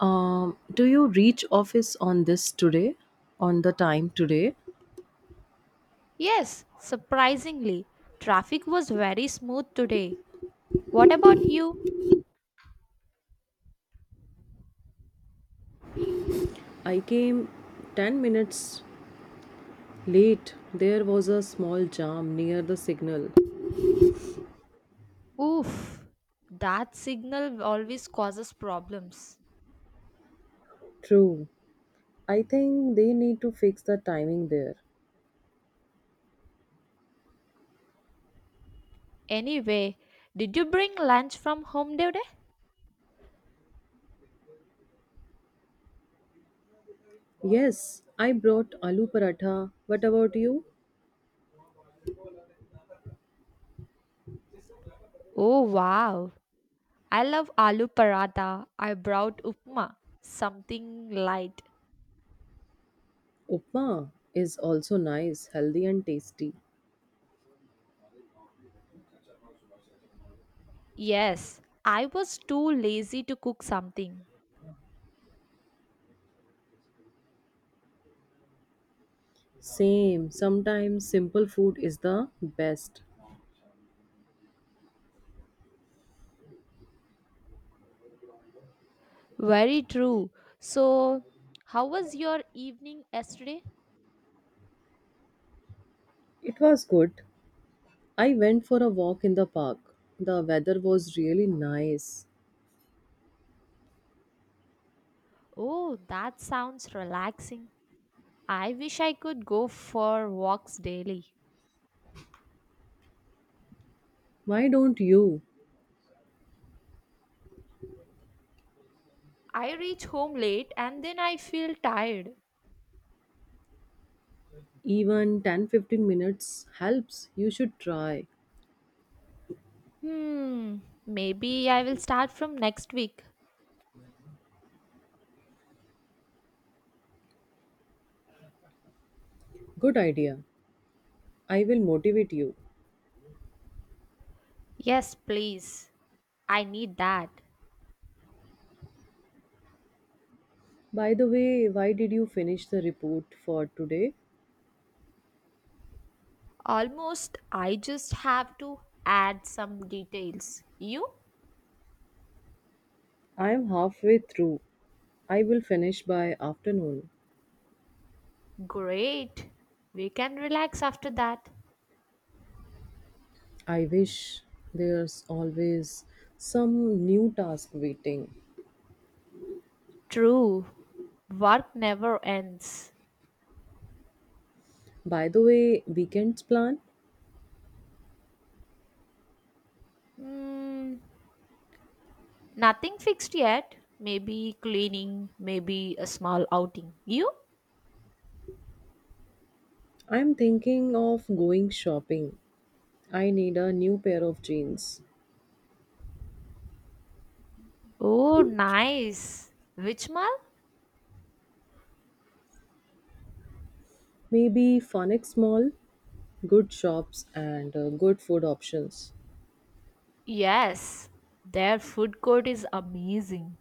Do you reach office on this today? On the time today? Yes, surprisingly, traffic was very smooth today. What about you? I came 10 minutes late. There was a small jam near the signal. Oof, that signal always causes problems. True. I think they need to fix the timing there. Anyway, did you bring lunch from home today? Yes, I brought aloo paratha. What about you? Oh wow, I love aloo paratha. I brought upma, something light. Upma is also nice, healthy and tasty. Yes, I was too lazy to cook something. Same, sometimes simple food is the best. Very true. So, how was your evening yesterday? It was good. I went for a walk in the park. The weather was really nice. Oh, that sounds relaxing. I wish I could go for walks daily. Why don't you? I reach home late and then I feel tired. Even 10-15 minutes helps. You should try. Hmm, maybe I will start from next week. Good idea. I will motivate you. Yes, please. I need that. By the way, why did you finish the report for today? Almost, I just have to add some details. You? I am halfway through. I will finish by afternoon. Great. We can relax after that. I wish there's always some new task waiting. True. Work never ends. By the way, weekends plan? Hmm, nothing fixed yet. Maybe cleaning, maybe a small outing. You? I'm thinking of going shopping. I need a new pair of jeans. Oh, nice. Which mall? Maybe Funix Mall, good shops and good food options. Yes, their food court is amazing.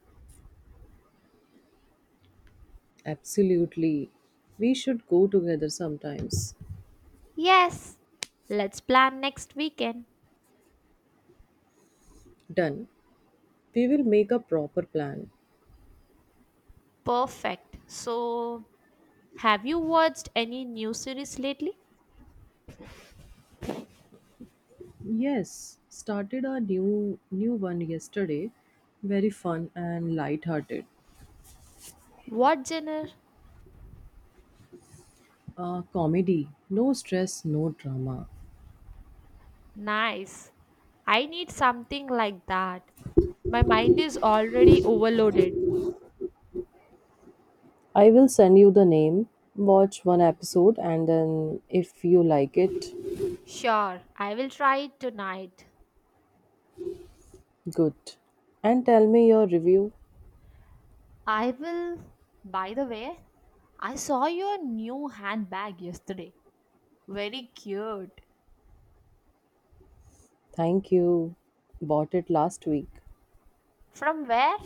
Absolutely. We should go together sometimes. Yes, let's plan next weekend. Done. We will make a proper plan. Perfect. So, have you watched any new series lately? Yes, started a new one yesterday. Very fun and light-hearted. What genre? Comedy. No stress, no drama. Nice. I need something like that. My mind is already overloaded. I will send you the name. Watch one episode and then if you like it. Sure, I will try it tonight. Good. And tell me your review. I will. By the way, I saw your new handbag yesterday. Very cute. Thank you. Bought it last week. From where?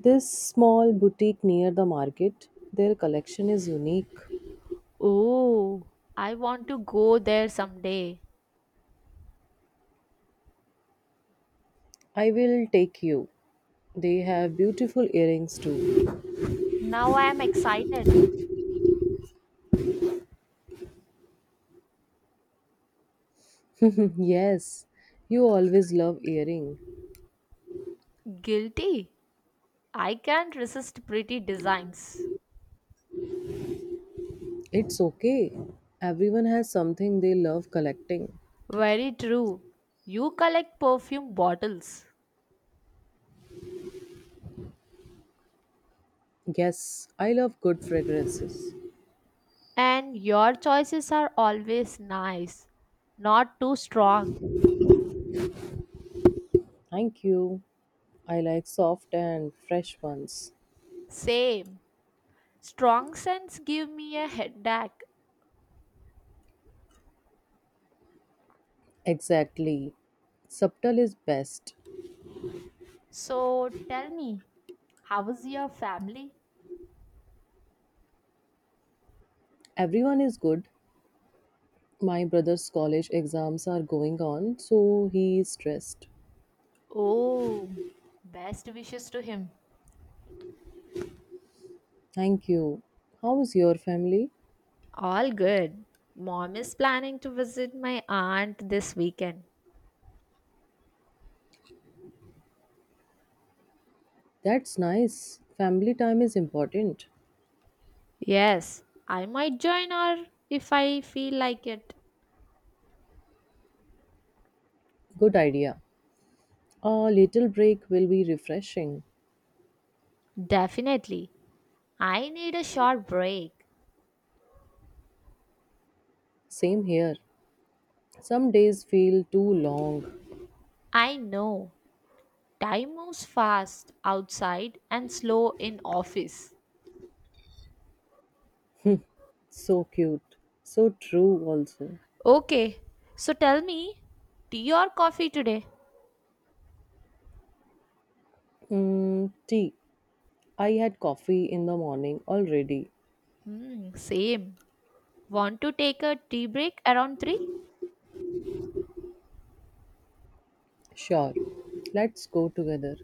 This small boutique near the market, their collection is unique. Oh, I want to go there someday. I will take you. They have beautiful earrings too. Now I am excited. yes, you always love earring. Guilty. I can't resist pretty designs. It's okay. Everyone has something they love collecting. Very true. You collect perfume bottles. Yes, I love good fragrances. And your choices are always nice, not too strong. Thank you. I like soft and fresh ones. Same. Strong scents give me a headache. Exactly. Subtle is best. So tell me, how is your family? Everyone is good. My brother's college exams are going on, so he is stressed. Oh, best wishes to him. Thank you. How is your family? All good. Mom is planning to visit my aunt this weekend. That's nice. Family time is important. Yes, I might join her if I feel like it. Good idea. A little break will be refreshing. Definitely. I need a short break. Same here. Some days feel too long. I know. Time moves fast outside and slow in office. So cute. So true, also. Okay, so tell me, tea or coffee today? Mm, tea. I had coffee in the morning already. Hmm, same. Want to take a tea break around 3? Sure, let's go together.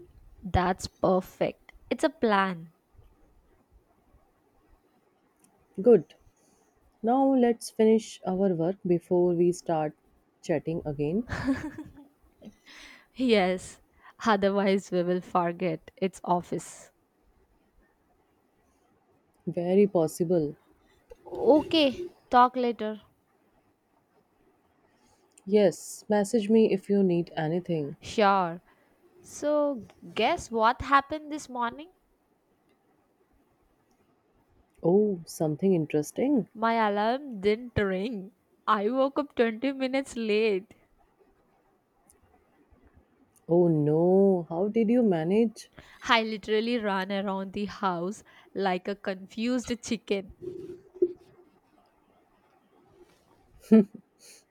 That's perfect. It's a plan. Good. Now let's finish our work before we start chatting again. Yes, otherwise we will forget its office. Very possible. Okay, talk later. Yes, message me if you need anything. Sure. So, guess what happened this morning? Oh, something interesting? My alarm didn't ring. I woke up 20 minutes late. Oh no, how did you manage? I literally ran around the house like a confused chicken.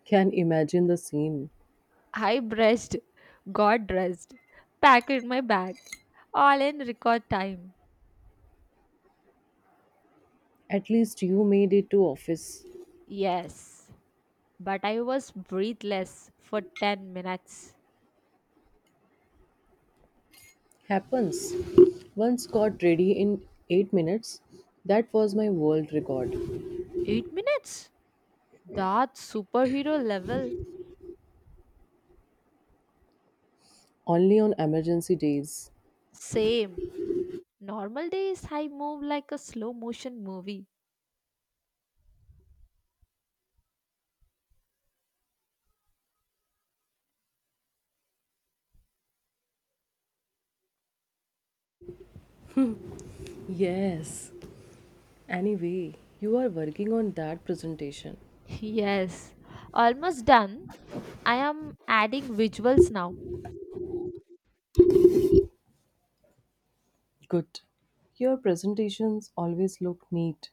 Can imagine the scene. I brushed, got dressed, packed my bag, all in record time. At least you made it to office. Yes, but I was breathless for 10 minutes. Happens. Once got ready in 8 minutes. That was my world record. 8 minutes? That's superhero level. Only on emergency days. Same. Normal days, I move like a slow motion movie. Yes. Anyway, you are working on that presentation. Yes. Almost done. I am adding visuals now. Good. Your presentations always look neat.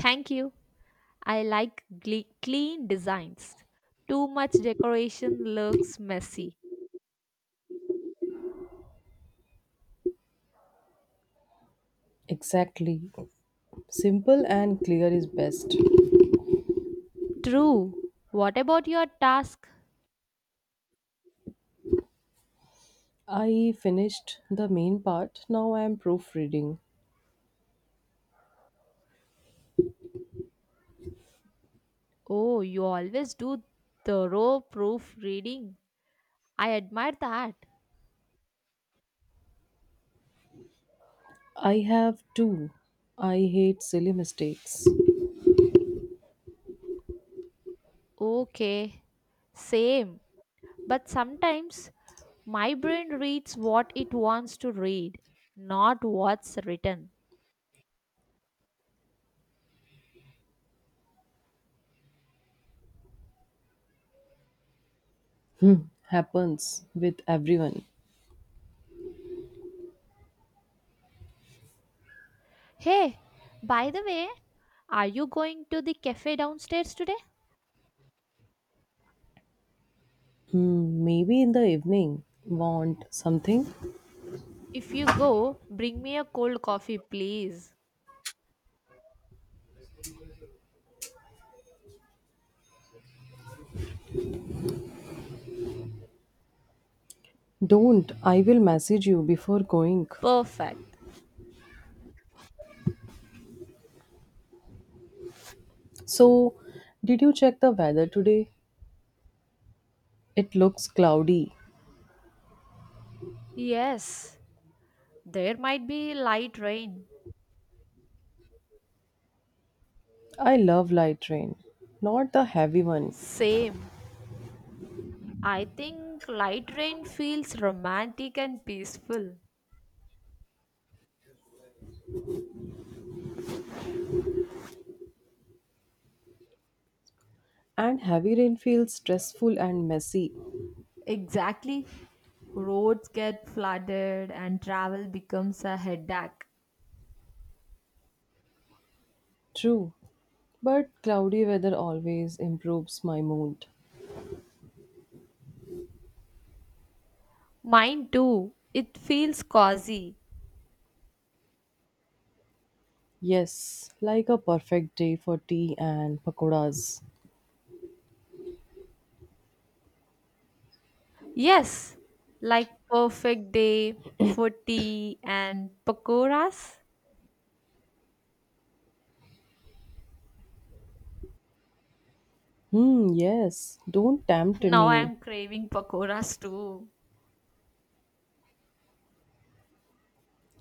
Thank you. I like clean designs. Too much decoration looks messy. Exactly. Simple and clear is best. True. What about your task? I finished the main part. Now I am proofreading. Oh, you always do thorough proofreading. I admire that. I have two. I hate silly mistakes. Okay. Same. But sometimes my brain reads what it wants to read, not what's written. Happens with everyone. Hey, by the way, are you going to the cafe downstairs today? Hmm, maybe in the evening. Want something? If you go, bring me a cold coffee, please. Don't. I will message you before going. Perfect. So, did you check the weather today? It looks cloudy. Yes, there might be light rain. I love light rain, not the heavy one. Same. I think light rain feels romantic and peaceful. And heavy rain feels stressful and messy. Exactly. Roads get flooded and travel becomes a headache. True, but cloudy weather always improves my mood. Mine too. It feels cozy. Yes, like a perfect day for tea and pakoras. Yes, like perfect day for tea and pakoras. Hmm, yes, don't tempt Now I me. am craving pakoras too.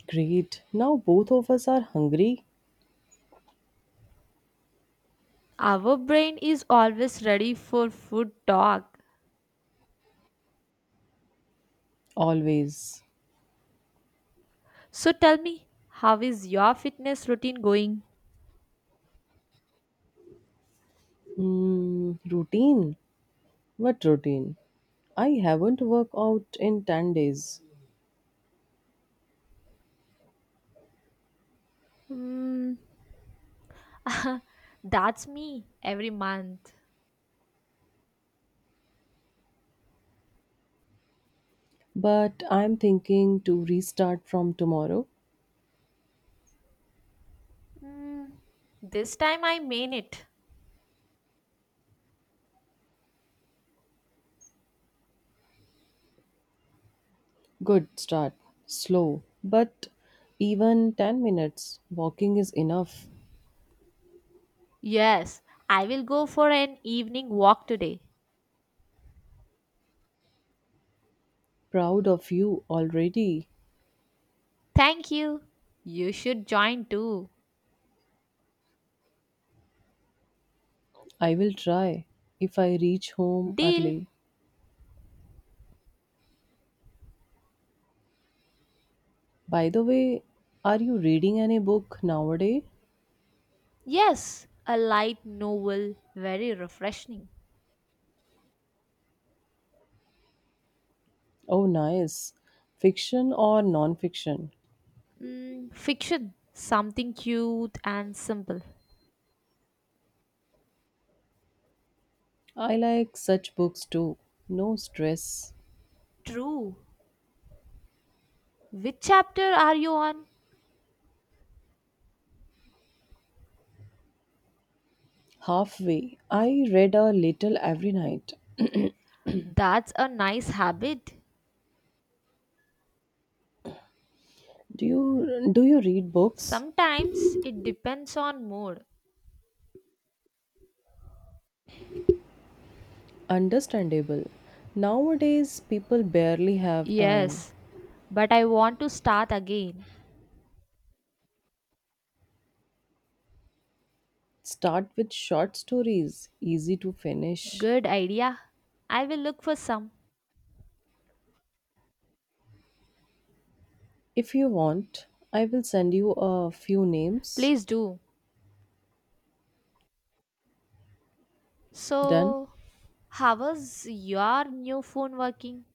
Great, now both of us are hungry. Our brain is always ready for food talk. Always. So tell me, how is your fitness routine going? Hmm, routine? What routine? I haven't worked out in 10 days. Hmm, that's me every month. But I'm thinking to restart from tomorrow. Hmm, this time I mean it. Good start. Slow. But even 10 minutes walking is enough. Yes, I will go for an evening walk today. Proud of you already. Thank you. You should join too. I will try if I reach home Deal? early. By the way, are you reading any book nowadays? Yes, a light novel, very refreshing. Oh, nice. Fiction or non fiction? Mm, fiction, something cute and simple. I like such books too. No stress. True. Which chapter are you on? Halfway, I read a little every night. That's a nice habit. Do you read books? Sometimes it depends on mood. Understandable. Nowadays people barely have time. Yes, but I want to start again. Start with short stories, easy to finish. Good idea. I will look for some. If you want, I will send you a few names. Please do. Done. So, how was your new phone working?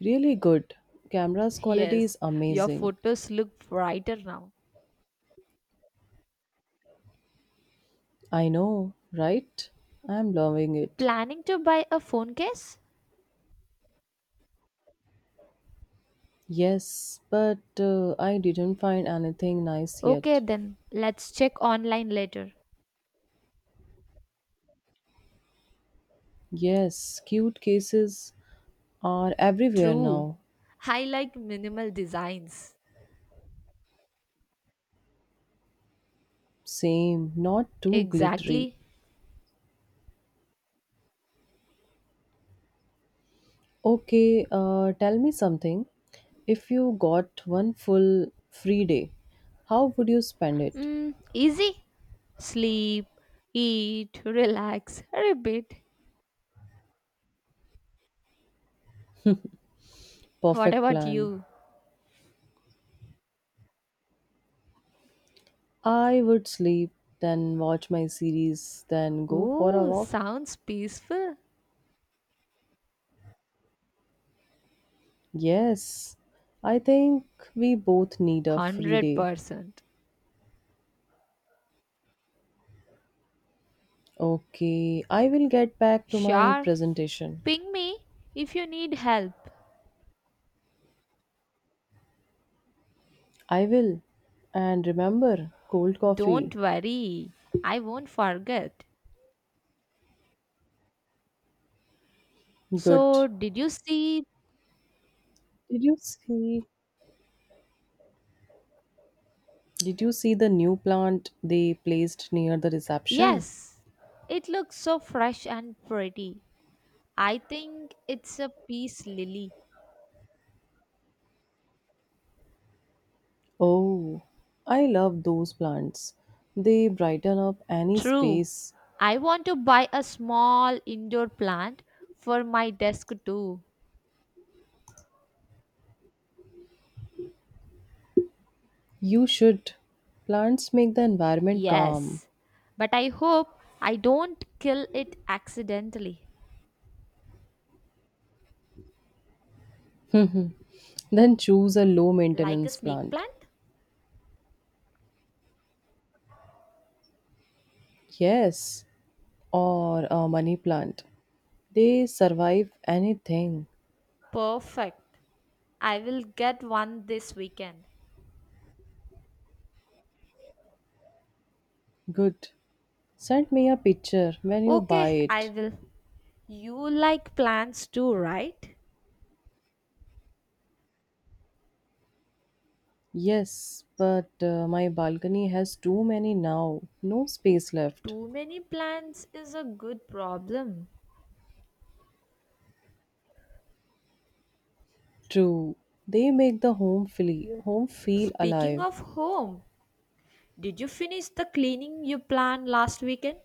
Really good. Camera's quality Yes, is your amazing. photos look brighter now. I know, right? I am loving it. Planning to buy a phone case? Yes, but I didn't find anything nice Okay, yet. then let's check online later. Yes, cute cases are everywhere True. now. I like minimal designs. Same, not too glittery. Exactly. Okay, tell me something. If you got one full free day, how would you spend it? Mm, easy. Sleep, eat, relax, repeat. What Perfect about plan. you? I would sleep, then watch my series, then go for a Oh, walk. sounds peaceful. Yes, I think we both need a free day. 100%. Okay, I will get back to my Sure. presentation. Ping me if you need help. I will. And remember, cold coffee. Don't worry, I won't forget. Good. So, did you see? Did you see? Did you see the new plant they placed near the reception? Yes, it looks so fresh and pretty. I think it's a peace lily. Oh, I love those plants. They brighten up any True. space. I want to buy a small indoor plant for my desk too. You should. Plants make the environment calm. Yes, but I hope I don't kill it accidentally. Then choose a low Like a maintenance snake plant. plant? Yes, or a money plant. They survive anything. Perfect. I will get one this weekend. Good. Send me a picture when you buy Okay, I it. will. You like plants too, right? Yes, but my balcony has too many now. No space left. Too many plans is a good problem. True. They make the home feel Speaking alive. of home, did you finish the cleaning you planned last weekend?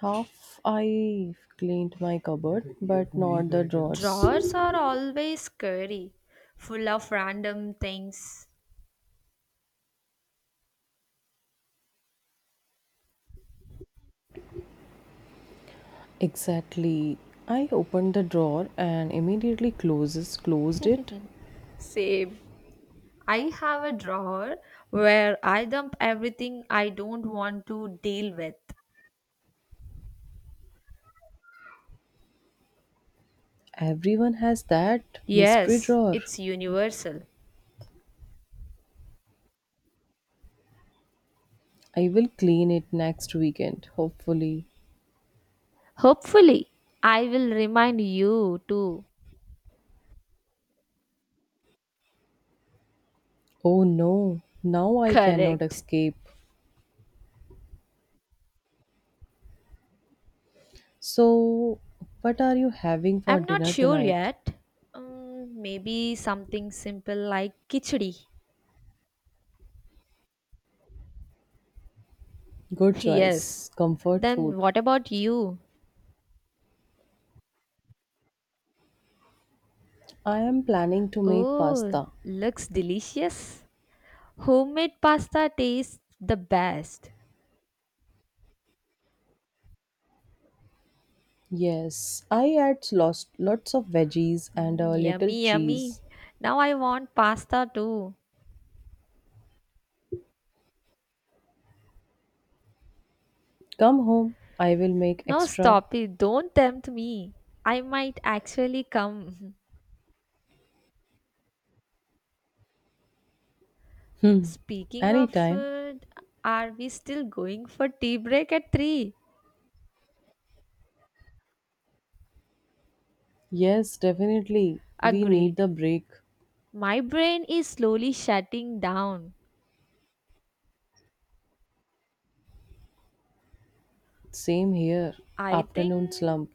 Half I cleaned my cupboard, but not the drawers. Drawers are always scary, full of random things. Exactly. I opened the drawer and immediately closes closed it. Same. I have a drawer where I dump everything I don't want to deal with. Everyone has that mystery Yes, drawer. it's universal. I will clean it next weekend, hopefully. Hopefully, I will remind you too. Oh no, now I cannot Correct. escape. So, what are you having for I'm not dinner sure tonight? yet. Maybe something simple like khichdi. Good Yes. choice. Comfort Then food. what about you? I am planning to make Oh, pasta. looks delicious. Homemade pasta tastes the best. Yes, I add lots, lots of veggies and Mm, a little yummy, yummy. cheese. Now I want pasta too. Come home, I will make No, extra. stop it. Don't tempt me. I might actually come. Hmm, Speaking of anytime. food, are we still going for tea break at 3? Yes, definitely. We need the Agreed. break. My brain is slowly shutting down. Same here. I think Afternoon slump.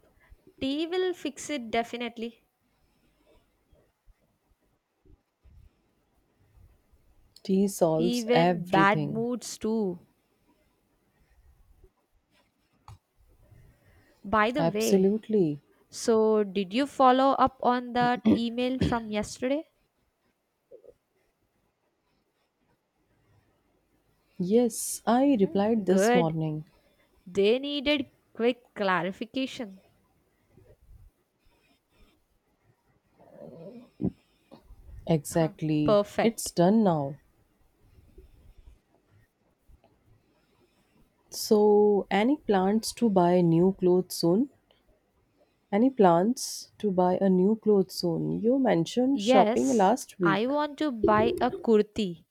tea will fix it definitely. Tea solves Even bad everything. moods too. By the way, Absolutely. so did you follow up on that email from yesterday? Yes, I replied Hmm, this good. morning. They needed quick clarification. Exactly. It's Perfect. done now. So, any plans to buy new clothes soon? Any plans to buy a new clothes soon? You mentioned shopping Yes, last week. I want to buy a kurti,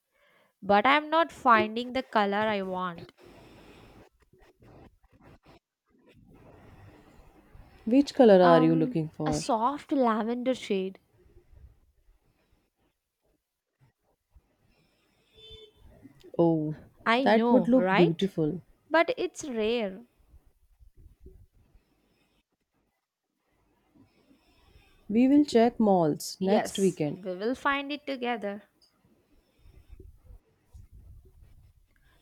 but I'm not finding the color I want. Which color are you Um, looking a for? soft lavender shade. Oh, I that would know, look right? beautiful. But it's rare. We will check malls next Yes, weekend. we will find it together.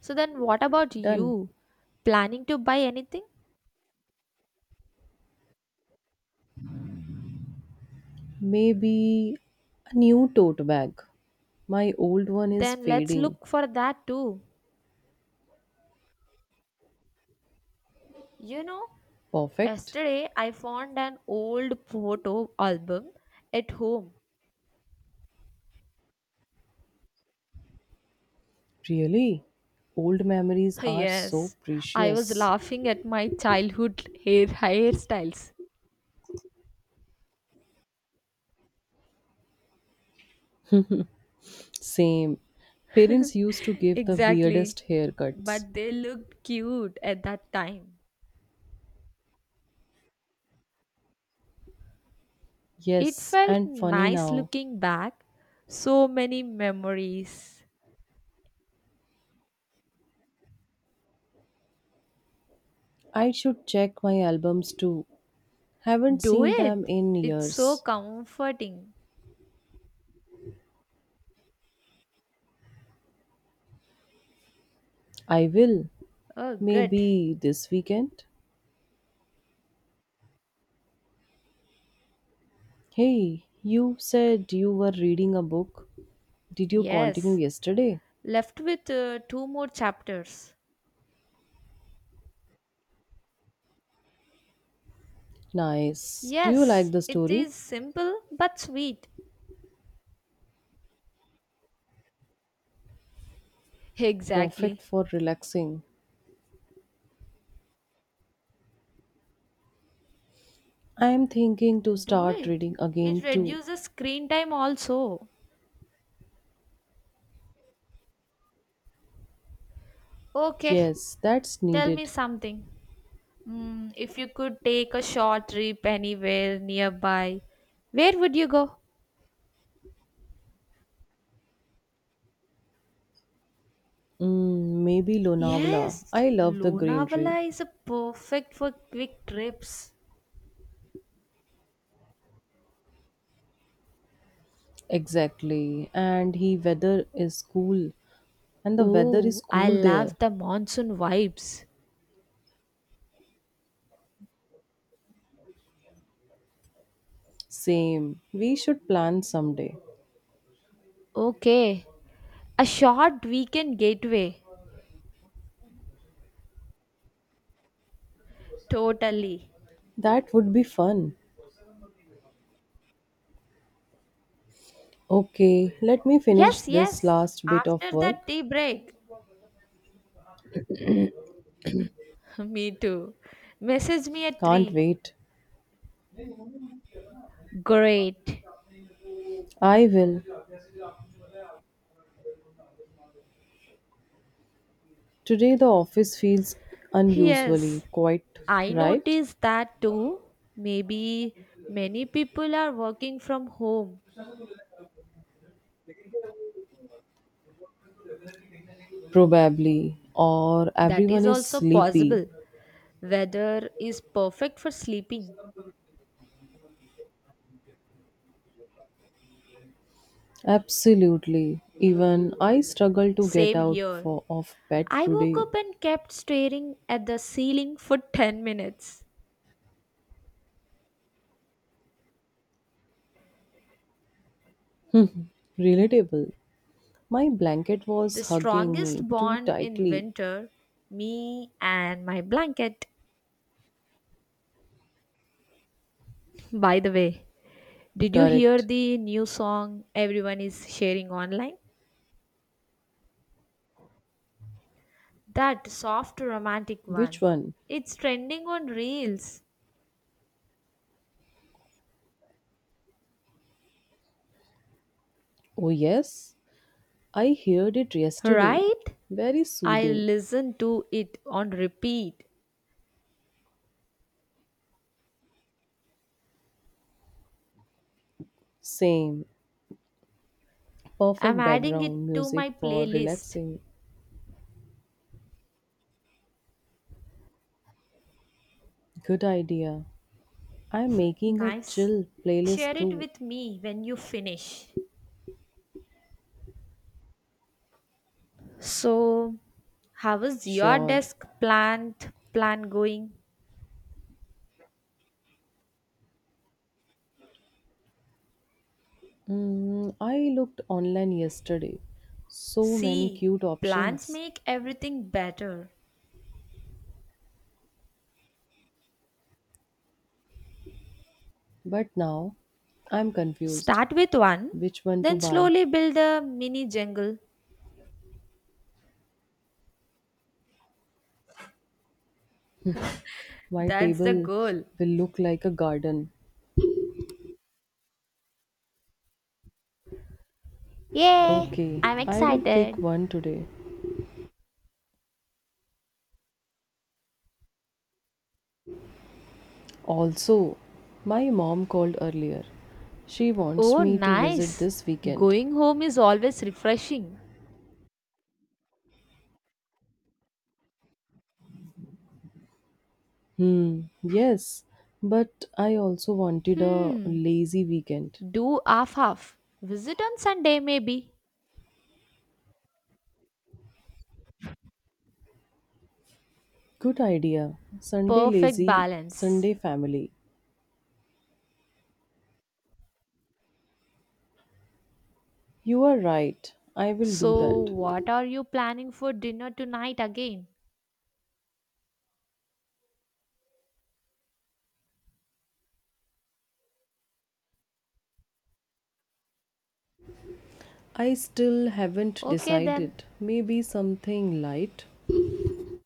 So then what about Done. you? Planning to buy anything? Maybe a new tote bag. My old one is Then let's fading. look for that too. You know, Perfect. yesterday I found an old photo album at home. Really? Old memories are so Yes, I was precious. laughing at my childhood hairstyles. Same. Parents used to give the Exactly. weirdest haircuts. But they looked cute at that time. It Yes, felt and funny nice now. looking back. So many memories. I should check my albums too. Haven't Do seen them it. in It's so years. comforting. I will. Oh, good. Maybe this weekend. Hey, you said you were reading a book. Did you continue Yes. yesterday? Left with two more chapters. Nice. Do you like Yes, the it story? is simple but sweet. Perfect Exactly. for relaxing. I am thinking to Do start it. reading It again too. reduces screen time also. Okay, Yes, that's tell me needed. something. Mm, if you could take a short trip anywhere nearby, where would you go? Mm, maybe Lonavala. Yes, I love the greenery. Lonavala is a perfect for quick trips. Exactly. And he weather is cool. And the weather is Oh, I cool there. love the monsoon vibes. Same. We should plan someday. Okay, a short weekend gateway. Totally. That would be fun. Okay, let me finish Yes, this yes. last bit of After that work. tea break. Me too. Message me at Can't 3. wait. Great. I will. Today the office feels unusually Yes, quiet, I right? noticed that too. Maybe many people are working from home. Probably. Or That everyone is is also sleepy. possible. Weather is perfect for sleeping. Absolutely. Even I struggle to get Same out here. for, of bed I woke today. up and kept staring at the ceiling for 10 minutes. Relatable. My blanket was The hugging me strongest too bond in tightly. winter, me and my blanket. By the way, did you hear Correct. the new song everyone is sharing online? That soft romantic Which one. one? It's trending on Reels, Oh, yes. I heard it yesterday. right? Very I soothing. listen to it on repeat. Same. I'm Perfect adding it background to music my for playlist. relaxing. Good idea. I'm making a Nice. chill playlist Share it too. with me when you finish. So, how is your Sure. desk plant plan going? Mm, I looked online yesterday. So many See, cute plans options. make everything better. But now I'm confused. Start with one, Which one to then buy? slowly build a mini jungle. My That's the table goal. will look like a garden. Yay! Okay, I'm I will pick excited. one today. Also, my mom called earlier. She wants Oh, me to visit nice. this weekend. Going home is always refreshing. Hmm, yes, but I also wanted a Hmm, lazy weekend. do half. Visit on Sunday, maybe. Good idea. Sunday Perfect lazy, balance. Sunday family. You are right. I will do So, that. what are you planning for dinner tonight again? I still haven't Okay, then. decided. Maybe something light